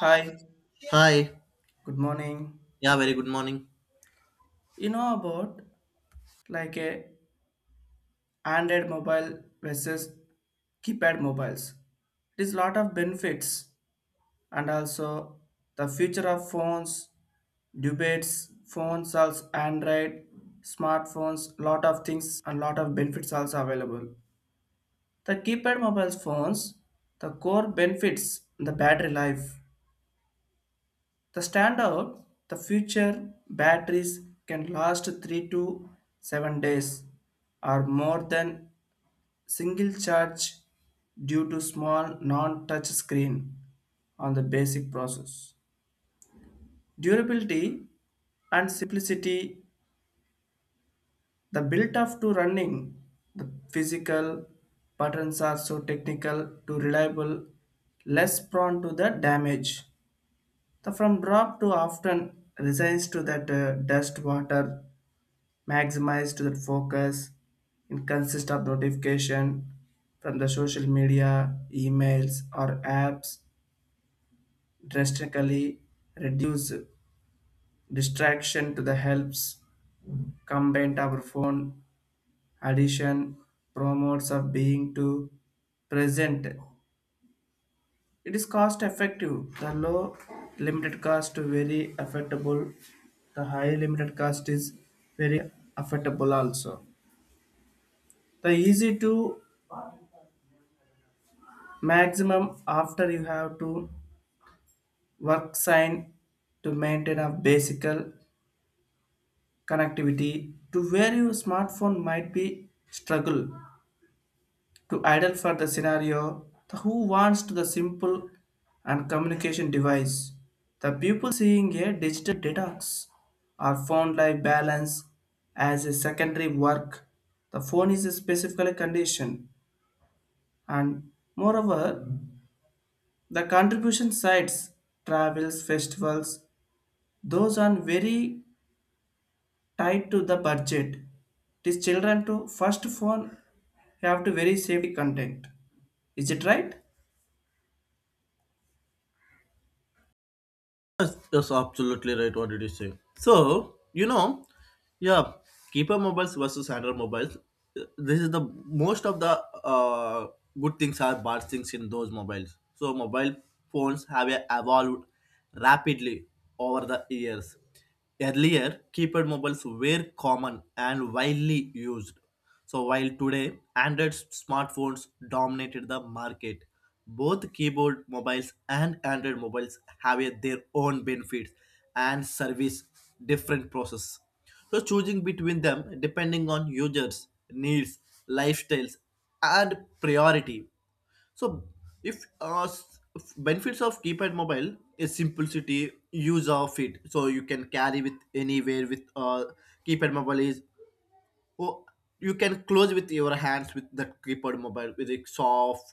Hi, Hi. good morning. Yeah, very good morning. You know about like a Android mobile versus keypad mobiles. It is lot of benefits and also the future of phones, debates, phones also Android, smartphones, lot of things and lot of benefits also available. The keypad mobile phones, the core benefits, the battery life. The standout, the future batteries can last 3 to 7 days or more than single charge due to small non-touch screen on the basic process. Durability and simplicity, the built-up to running, the physical buttons are so technical to reliable, less prone to the damage. The from drop to often resigns to that dust water. Maximize to that focus and consist of notification from the social media, emails or apps drastically reduce distraction to the helps combined our phone addition promotes of being to present. It is cost effective. The low limited cost to very affordable. The high limited cost is very affordable also. The easy to maximum after you have to work sign to maintain a basic connectivity to where your smartphone might be struggle to idle for the scenario the who wants to the simple and communication device the people seeing a digital detox or phone life balance as a secondary work the phone is a specific condition and moreover the contribution sites travels festivals those are very tied to the budget. These children to first phone have to very safety content. Is it right? Yes, that's absolutely right. What did you say? So, you know, yeah, keeper mobiles versus Android mobiles. This is the most of the good things are bad things in those mobiles. So, mobile phones have evolved rapidly over the years. Earlier, keypad mobiles were common and widely used. So while today Android smartphones dominated the market, both keyboard mobiles and Android mobiles have their own benefits and service different process. So choosing between them depending on users, needs, lifestyles, and priority. So, if benefits of keypad mobile is simplicity, use of it. So you can carry with anywhere with keypad mobile is Oh, you can close with your hands with that keyboard mobile with it soft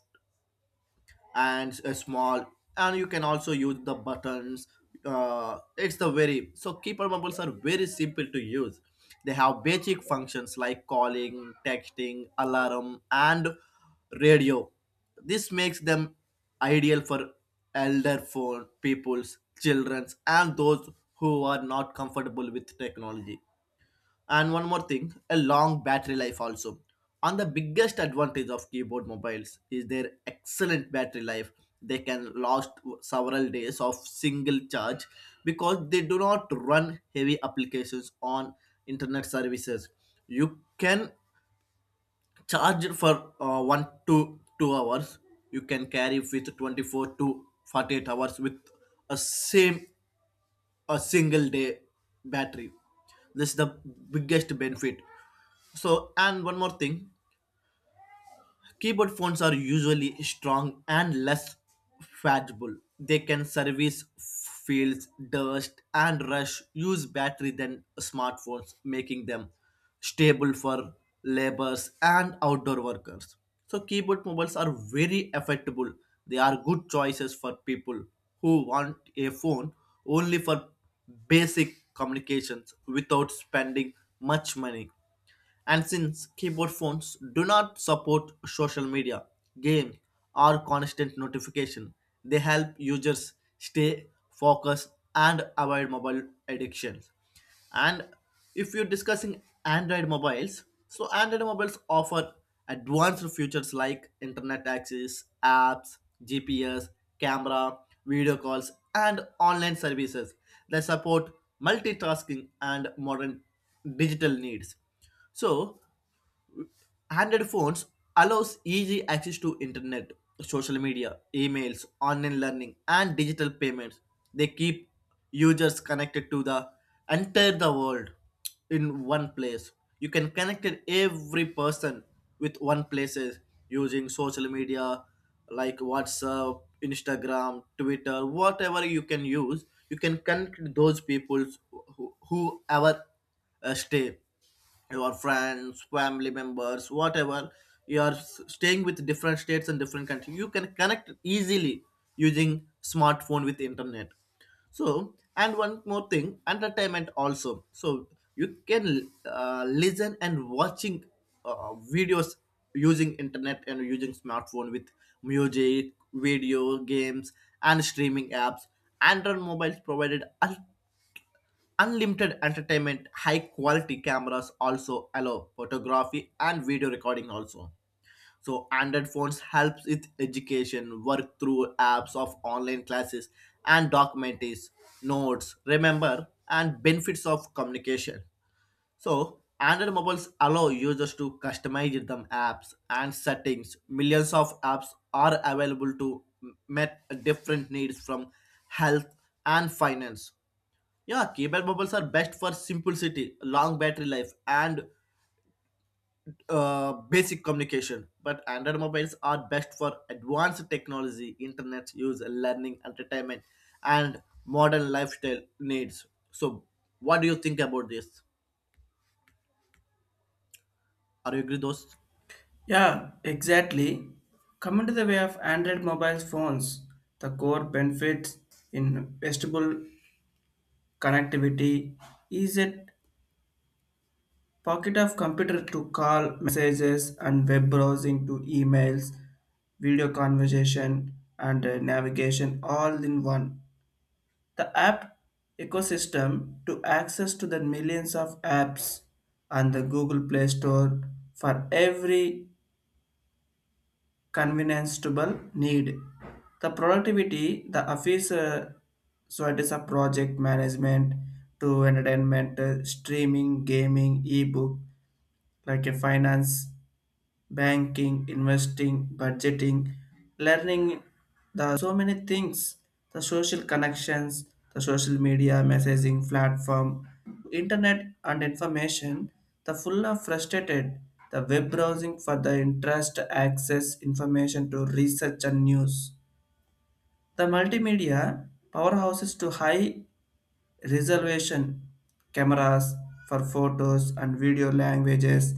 and small, and you can also use the buttons. It's the very so keyboard mobiles are very simple to use. They have basic functions like calling, texting, alarm, and radio. This makes them ideal for elder phone peoples, childrens, and those who are not comfortable with technology. And one more thing, a long battery life also. And the biggest advantage of keyboard mobiles is their excellent battery life. They can last several days of single charge because they do not run heavy applications on internet services. You can charge it for 1 to 2 hours. You can carry it with 24 to 48 hours with a same a single day battery. This is the biggest benefit. So, and one more thing, keyboard fonts are usually strong and less faggable. They can service fields, dust, and rush use battery than smartphones, making them stable for laborers and outdoor workers. So keyboard mobiles are very affordable. They are good choices for people who want a phone only for basic communications without spending much money. And since keyboard phones do not support social media, games, or constant notification, they help users stay focused and avoid mobile addictions. And if you're discussing Android mobiles, so Android mobiles offer advanced features like internet access, apps, GPS, camera, video calls, and online services that support multitasking and modern digital needs. So, handheld phones allows easy access to internet, social media, emails, online learning, and digital payments. They keep users connected to the entire the world in one place. You can connect it every person with one places using social media like WhatsApp, Instagram, Twitter, whatever you can use. You can connect those people whoever stay your friends family members whatever you are staying with different states and different countries you can connect easily using smartphone with internet. So, and one more thing, entertainment also. So you can listen and watching videos using internet and using smartphone with music video games and streaming apps. Android mobiles provided unlimited entertainment, high quality cameras also allow photography and video recording also. So Android phones helps with education, work through apps of online classes and documentaries, notes, remember and benefits of communication. So Android mobiles allow users to customize them apps and settings. Millions of apps are available to meet different needs from health and finance. Yeah, cable bubbles are best for simplicity, long battery life, and basic communication. But Android mobiles are best for advanced technology, internet use, learning, entertainment, and modern lifestyle needs. So, what do you think about this? Are you agree, those? Yeah, exactly. Coming to the way of Android mobile phones, the core benefits in vestible connectivity is a pocket of computer to call messages and web browsing to emails, video conversation and navigation all in one. The app ecosystem to access to the millions of apps on the Google Play Store for every convenienceable need. The productivity, the office, so it is a project management to entertainment, streaming, gaming, ebook, like a finance banking, investing, budgeting, learning the so many things, the social connections, the social media messaging platform, internet and information, the full of frustrated, the web browsing for the interest access information to research and news. The multimedia powerhouses to high reservation cameras for photos and video languages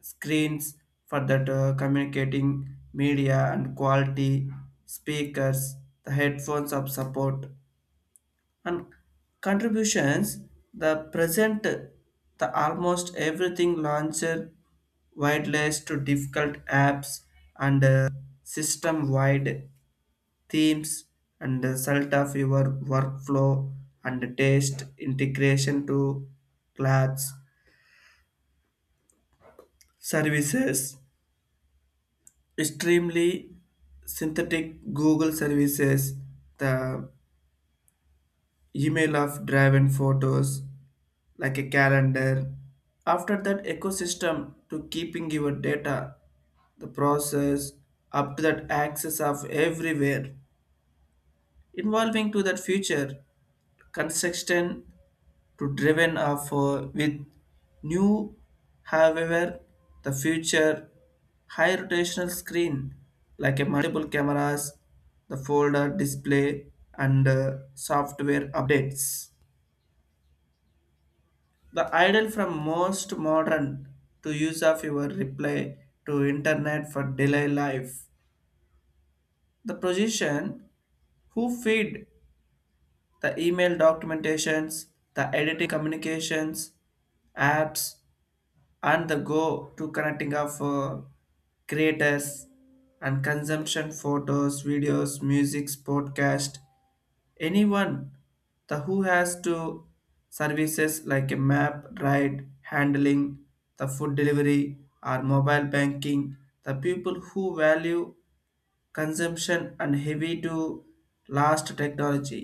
screens for that communicating media and quality speakers the headphones of support and contributions the present the almost everything launcher wireless to difficult apps and system wide themes and the result of your workflow and taste integration to clouds services extremely synthetic Google services, the email of Drive, and photos, like a calendar. After that ecosystem to keeping your data, the process up to that access of everywhere, involving to that future construction to driven off with new however the future high rotational screen like a multiple cameras the folder display and software updates the ideal from most modern to use of your replay to internet for delay life the position who feed the email documentations the editing communications apps and the go to connecting of creators and consumption photos videos music podcast anyone the who has to services like a map ride handling the food delivery or mobile banking the people who value consumption and heavy to last technology.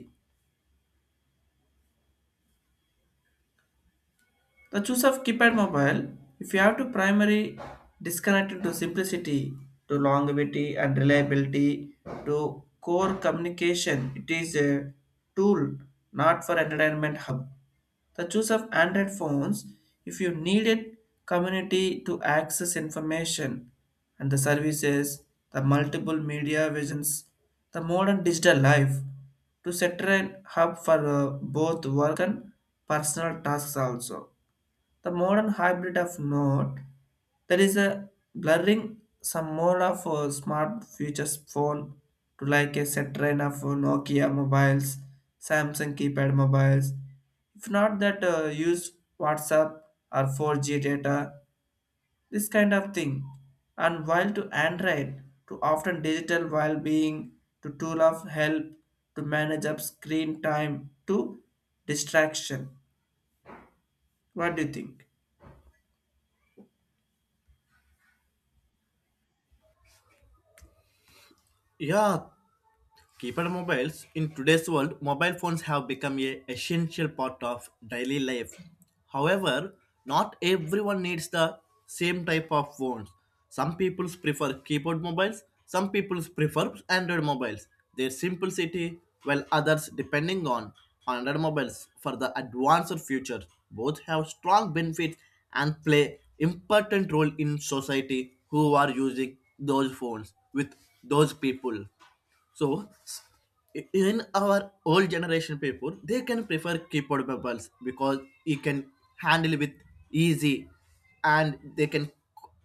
The choice of keypad mobile, if you have to primary disconnected to simplicity, to longevity and reliability, to core communication, it is a tool, not for entertainment hub. The choice of Android phones, if you need it, community to access information and the services, the multiple media visions, the modern digital life, to set a hub for both work and personal tasks also the modern hybrid of note there is a blurring some more of a smart futures phone to like a set train of nokia mobiles samsung keypad mobiles if not that use whatsapp or 4G data this kind of thing and while to android to often digital while being to tool of help to manage up screen time to distraction. What do you think? Yeah, keypad mobiles in today's world, mobile phones have become a essential part of daily life. However, not everyone needs the same type of phones. Some people prefer keyboard mobiles, some people prefer Android mobiles. Their simplicity, while others depending on Android mobiles for the advanced future. Both have strong benefits and play important role in society who are using those phones with those people. So in our old generation people, they can prefer keyboard bubbles because you can handle with easy, and they can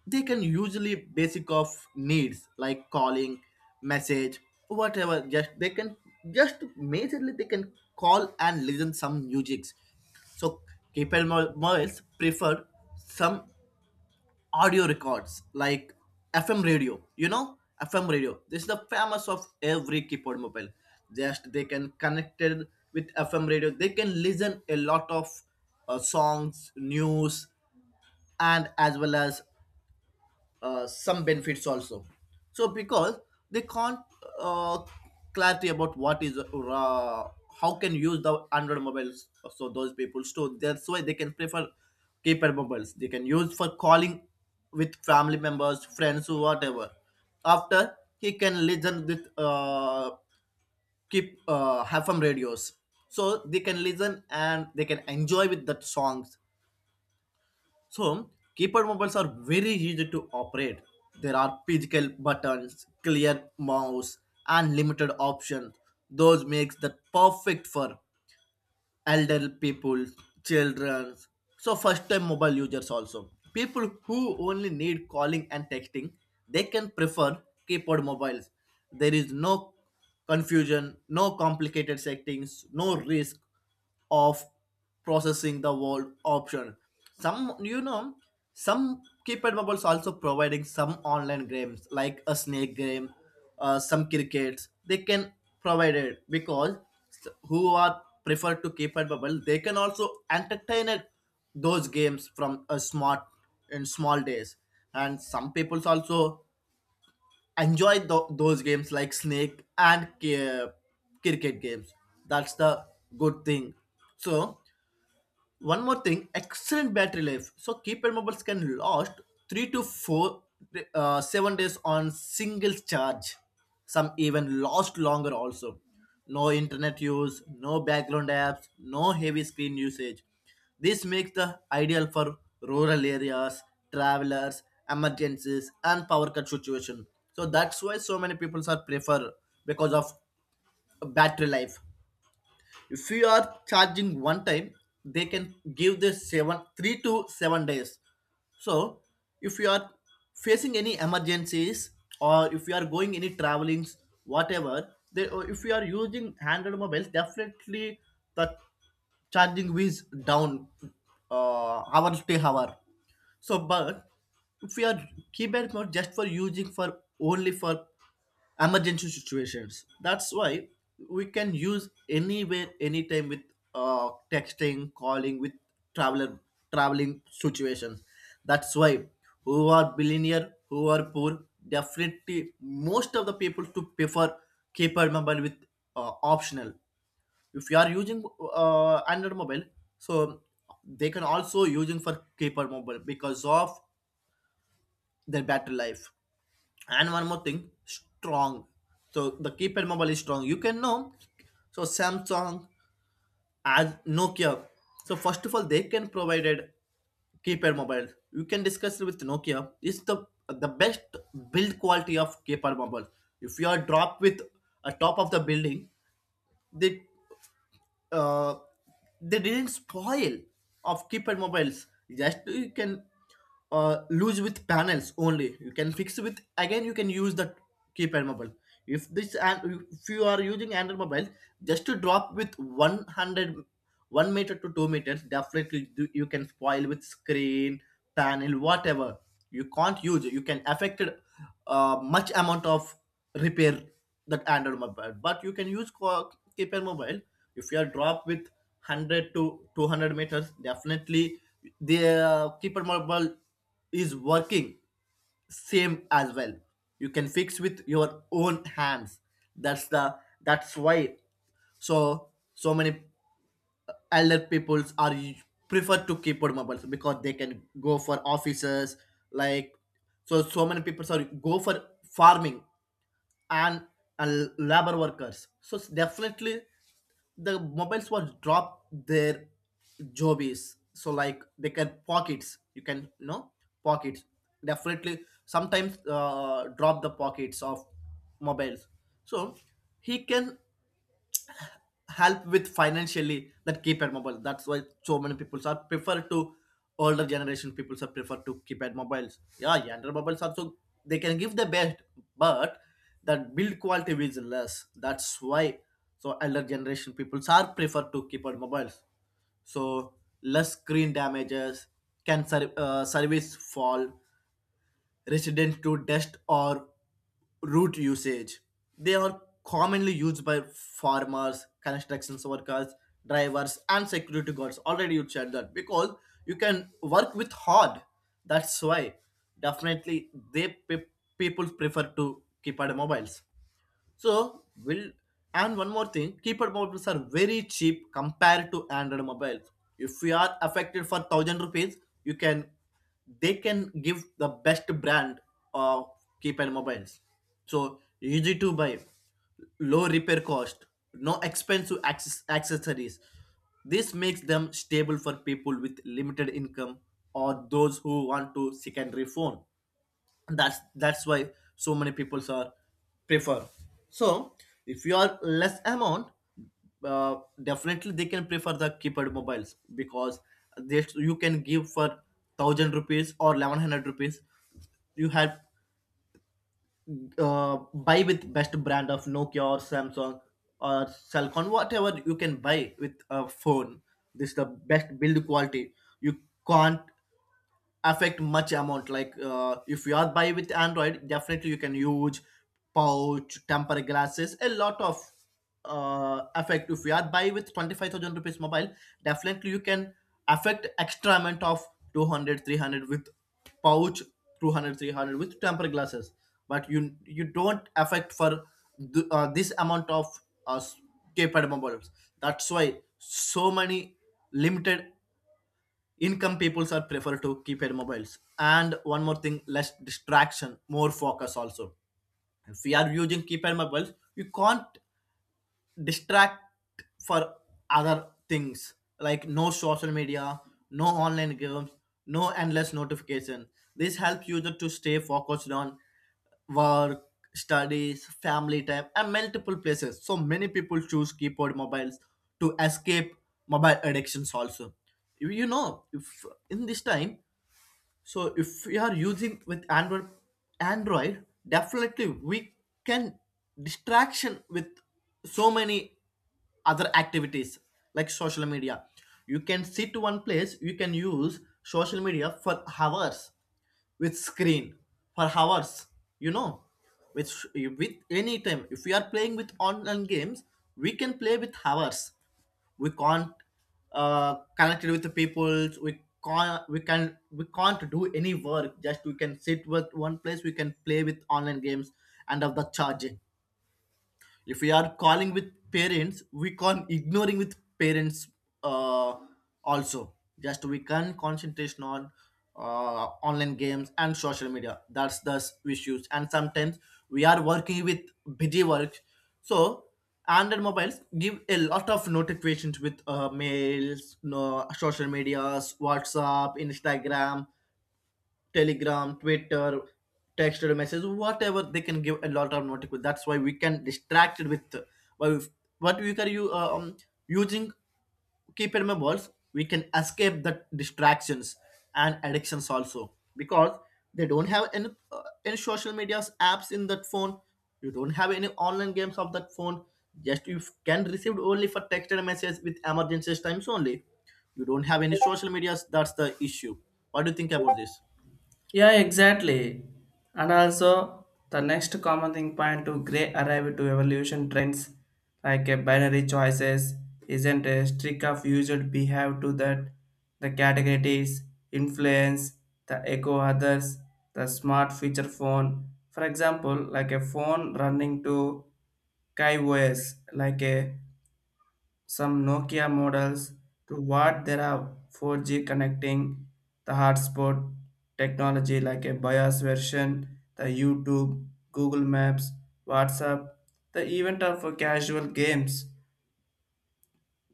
they can usually basic of needs like calling, message, whatever. Just majorly they can call and listen some musics. So keyboard mobiles prefer some audio records like FM radio. You know, FM radio. This is the famous of every keyboard mobile. Just they can connect it with FM radio. They can listen a lot of songs, news, and as well as some benefits also. So because they can't uh, clarity about what is how can use the Android mobiles. So those people so that's why they can prefer keypad mobiles. They can use for calling with family members, friends, whatever. After he can listen with keep have some radios, so they can listen and they can enjoy with that songs. So, keypad mobiles are very easy to operate. There are physical buttons, clear mouse, and limited options. Those makes that perfect for elder people, children. So first time mobile users also. People who only need calling and texting, they can prefer keyboard mobiles. There is no confusion, no complicated settings, no risk of processing the word option. Some you know, some keypad mobiles also providing some online games like a snake game, some crickets they can provide it because who are prefer to keep it bubble they can also entertain it those games from a smart in small days and some people also enjoy those games like snake and cricket games. That's the good thing. So one more thing, excellent battery life. So keypad mobiles can last three to four, 7 days on single charge. Some even last longer also. No internet use, no background apps, no heavy screen usage. This makes the ideal for rural areas, travelers, emergencies, and power cut situation. So that's why so many people are prefer because of battery life. If you are charging one time they can give this 7 3 to 7 days. So if you are facing any emergencies or if you are going any travelings whatever they, or if you are using handheld mobiles definitely the charging is down hour to hour. So, but if we are keyboard not just for using for only for emergency situations. That's why we can use anywhere, anytime with texting, calling, with traveler traveling situations. That's why who are billionaire, who are poor, definitely most of the people to prefer keyboard mobile with optional. If you are using android mobile so they can also using for keypad mobile because of their battery life. And one more thing strong. So the keypad mobile is strong you can know. So Samsung as Nokia, so first of all they can provided keypad mobile you can discuss with Nokia is the best build quality of keypad mobile. If you are dropped with a top of the building they uh, they didn't spoil of keypad mobiles, just you can lose with panels only you can fix with again you can use the keypad mobile. If this and if you are using android mobile just to drop with one hundred one meter to 2 meters definitely you can spoil with screen panel, whatever you can't use it. You can affect it, much amount of repair that android mobile. But you can use keypad mobile. If you are dropped with 100 to 200 meters definitely the keypad mobile is working same as well, you can fix with your own hands. That's the that's why so so many elder peoples are prefer to keyboard mobiles because they can go for offices like so many people, sorry, go for farming and, and labor workers. So definitely the mobiles was drop their jobbies so like they can pockets you can know pockets, definitely sometimes drop the pockets of mobiles. So he can help with financially that keypad mobile. That's why so many people are prefer to older generation people are prefer to keypad mobiles. Yeah younger mobiles also they can give the best, but that build quality is less. That's why so elder generation people are prefer to keypad mobiles. So less screen damages can service fall resident to dust or root usage. They are commonly used by farmers, construction workers, drivers, and security guards. Already you said that because you can work with hard. That's why definitely people prefer to keep out mobiles. So will, and one more thing, keypad mobiles are very cheap compared to Android mobiles. If you are affected for thousand rupees, you can they can give the best brand of keypad mobiles. So easy to buy, low repair cost, no expensive accessories. This makes them stable for people with limited income or those who want to secondary phone that's why so many people are prefer. So if you are less amount, uh, definitely they can prefer the keypad mobiles because this you can give for 1000 rupees or 1100 rupees. You have buy with best brand of Nokia or Samsung or Cellcon, whatever you can buy with a phone. This is the best build quality. You can't affect much amount like if you are buy with Android, definitely you can use pouch, temper glasses. A lot of affect if you are buy with 25,000 rupees mobile, definitely you can affect extra amount of 200, 300 with pouch, 200, 300 with temper glasses. But you don't affect for this amount of uh, keypad mobiles. That's why so many limited income peoples are prefer to keep their mobiles. And one more thing, less distraction, more focus also. If we are using keypad mobiles, you can't distract for other things like no social media, no online games, no endless notification. This helps user to stay focused on work, studies, family time and multiple places. So many people choose keyboard mobiles to escape mobile addictions also. You know if in this time, so if we are using with android definitely we can distraction with so many other activities like social media. You can sit one place, you can use social media for hours with screen for hours, you know, with with any time. If we are playing with online games, we can play with hours. We can't connect with the people. We can't do any work, just we can sit with one place, we can play with online games. And of the charge, if we are calling with parents, we can ignoring with parents, uh, also. Just we can concentration on online games and social media. Issues. And sometimes we are working with busy work, so Android mobiles give a lot of notifications with mails, no, social medias, WhatsApp, Instagram, Telegram, Twitter, text or message, whatever. They can give a lot of notification. That's why we can distracted with why we- what we are you using keypad mobiles. We can escape the distractions and addictions also, because they don't have any social medias apps in that phone. You don't have any online games of that phone. Just you can receive only for text and message with emergencies times only. You don't have any social medias. That's the issue. What do you think about this? Yeah, exactly. And also, the next common thing point to gray arrive to evolution trends like a binary choices isn't a streak of user behave to that the categories influence the echo others the smart feature phone for example like a phone running to KaiOS like a some Nokia models to what there are 4G connecting the hotspot technology like a BIOS version, the YouTube, Google Maps, WhatsApp, the event of casual games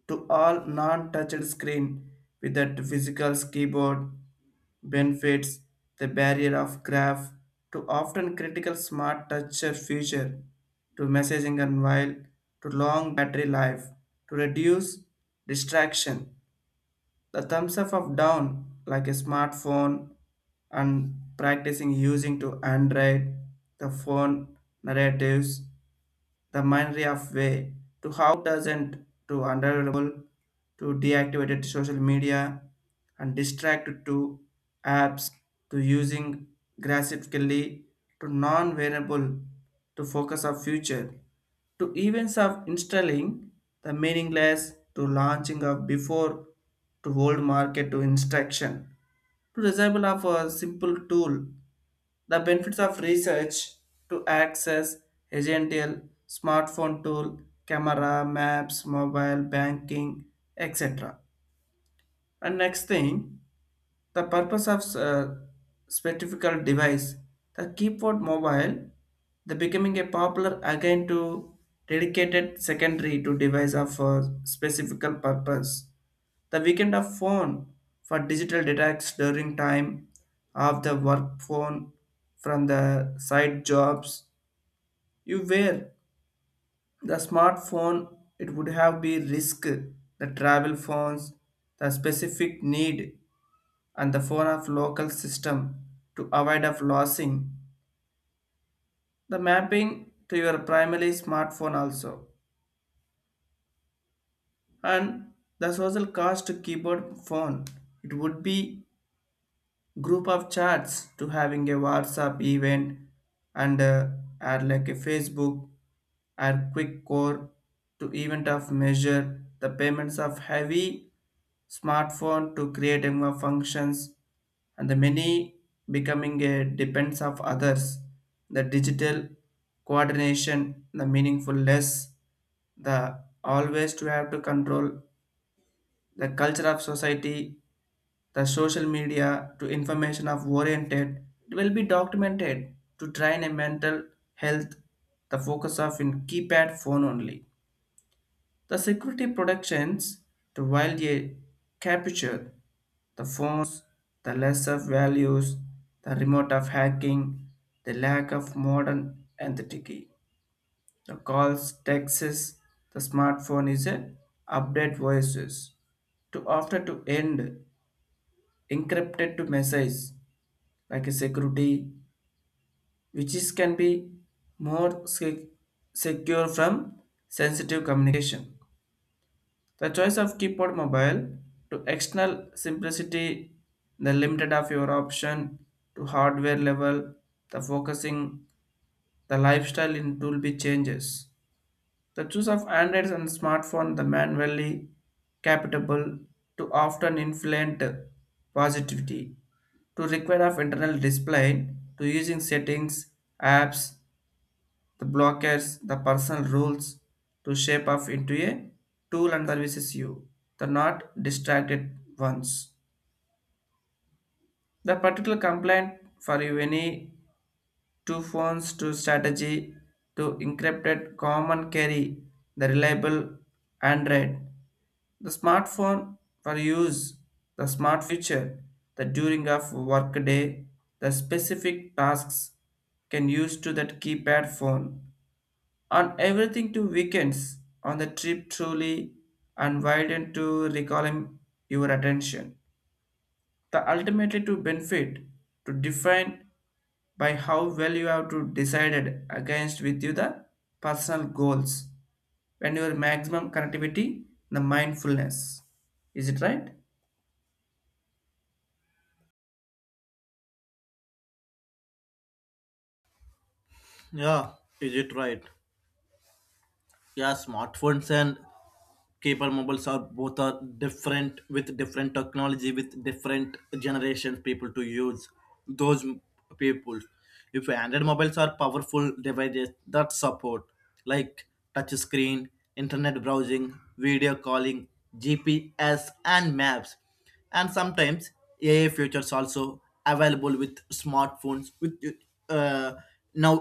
to all non-touched screen with that physical keyboard benefits the barrier of graph to often critical smart toucher feature to messaging and while to long battery life to reduce distraction the thumbs up of down like a smartphone and practicing using to Android, the phone narratives, the mind of way to how doesn't to unavailable to deactivated social media and distracted to apps to using graphically to non-variable to focus of future to events of installing the meaningless to launching of before to hold market to instruction to disable of a simple tool the benefits of research to access agential smartphone tool camera maps mobile banking etc and next thing the purpose of specific device the keyboard mobile the becoming a popular again to dedicated secondary to device of specific purpose the weekend of phone for digital detox during time of the work phone from the side jobs you wear. The smartphone it would have be risk the travel phones, the specific need and the phone of local system to avoid of losing the mapping to your primary smartphone also and the social cost to keyboard phone it would be group of chats to having a WhatsApp event and add like a Facebook or quick core to event of measure the payments of heavy smartphone to create a more functions and the many becoming a depends of others the digital coordination the meaningful less the always to have to control the culture of society the social media to information of oriented it will be documented to train a mental health the focus of in keypad phone only the security protections to wild a capture the phones the less of values the remote of hacking the lack of modern entity the calls texts the smartphone is a update voices to after to end encrypted to message like a security which is can be more se- secure from sensitive communication the choice of keyboard mobile to external simplicity the limited of your option to hardware level the focusing the lifestyle in tool be changes. The choice of Androids and smartphone, the manually capable to often influence positivity, to require of internal display, to using settings, apps, the blockers, the personal rules, to shape up into a tool and services you, the not distracted ones. The particular complaint for you any two phones to strategy to encrypted common carry the reliable Android. The smartphone for use the smart feature that during of workday the specific tasks can use to that keypad phone on everything to weekends on the trip truly and widen to recalling your attention. The ultimately to benefit to define by how well you have to decided against with you the personal goals and your maximum connectivity the mindfulness. Is it right? Yeah, is it right? Yeah, smartphones and cable mobiles are both are different with different technology with different generations people to use those m- people. If Android mobiles are powerful devices that support like touch screen, internet browsing, video calling, GPS and maps, and sometimes AI features also available with smartphones with uh, now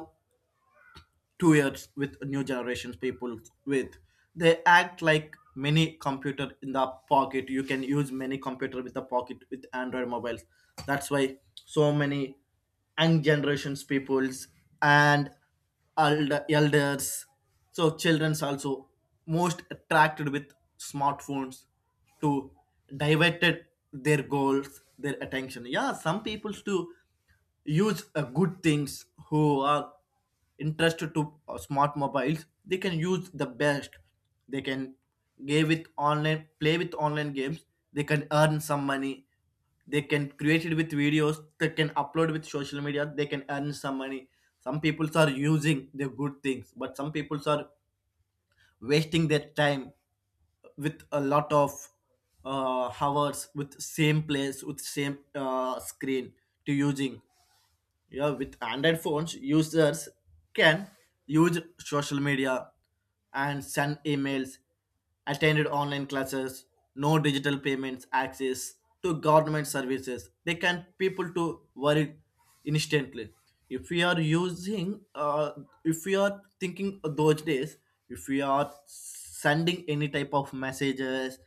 2 years with new generations people with, they act like mini computer in the pocket. You can use many computer with the pocket with Android mobiles. That's why so many young generations peoples and elders, so children's also most attracted with smartphones to diverted their goals, their attention. Yeah, some peoples too use good things. Who are interested to smart mobiles, they can use the best. They can give with online, play with online games, they can earn some money. They can create it with videos, they can upload with social media, they can earn some money. Some people are using the good things, but some people are wasting their time with a lot of hours with same place with same screen to using. Yeah, with Android phones, users can use social media and send emails, attended online classes, no digital payments access to government services. They can people to worry instantly. If we are using, if we are thinking those days, if we are sending any type of messages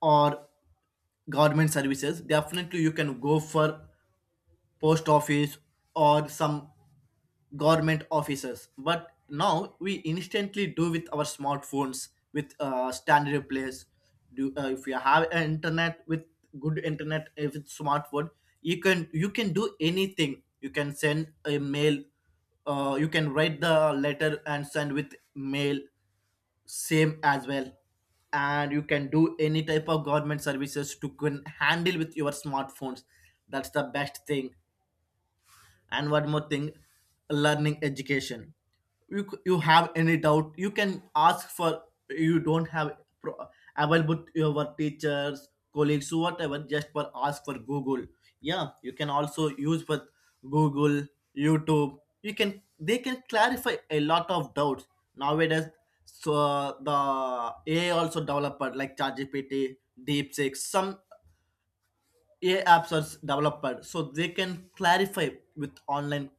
or government services, definitely you can go for post office or some government offices. But now we instantly do with our smartphones with standard replace do. If you have an internet with good internet, if it's smartphone, you can do anything. You can send a mail, you can write the letter and send with mail, same as well. And you can do any type of government services to can handle with your smartphones. That's the best thing. And one more thing, learning education, you have any doubt, you can ask for, you don't have pro- available your teachers, colleagues, whatever, just for ask for Google. Yeah, you can also use for Google, YouTube, you can, they can clarify a lot of doubts nowadays. So the AI also developer like ChatGPT, DeepSeek, some AI apps are developed, so they can clarify with online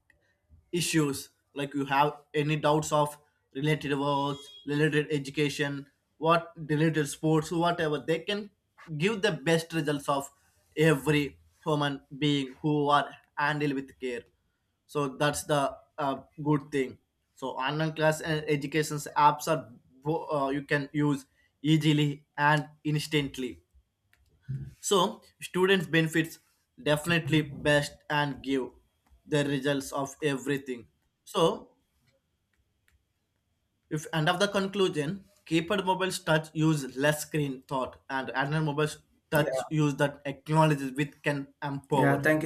issues. Like you have any doubts of related works, related education, what related sports, whatever, they can give the best results of every human being who are handled with care. So that's the good thing. So online class and educations apps are you can use easily and instantly. So students benefits definitely best and give the results of everything. So if end of the conclusion, keypad mobiles touch use less screen thought and Android mobiles touch Yeah. use that technology which can Yeah. empower. Thank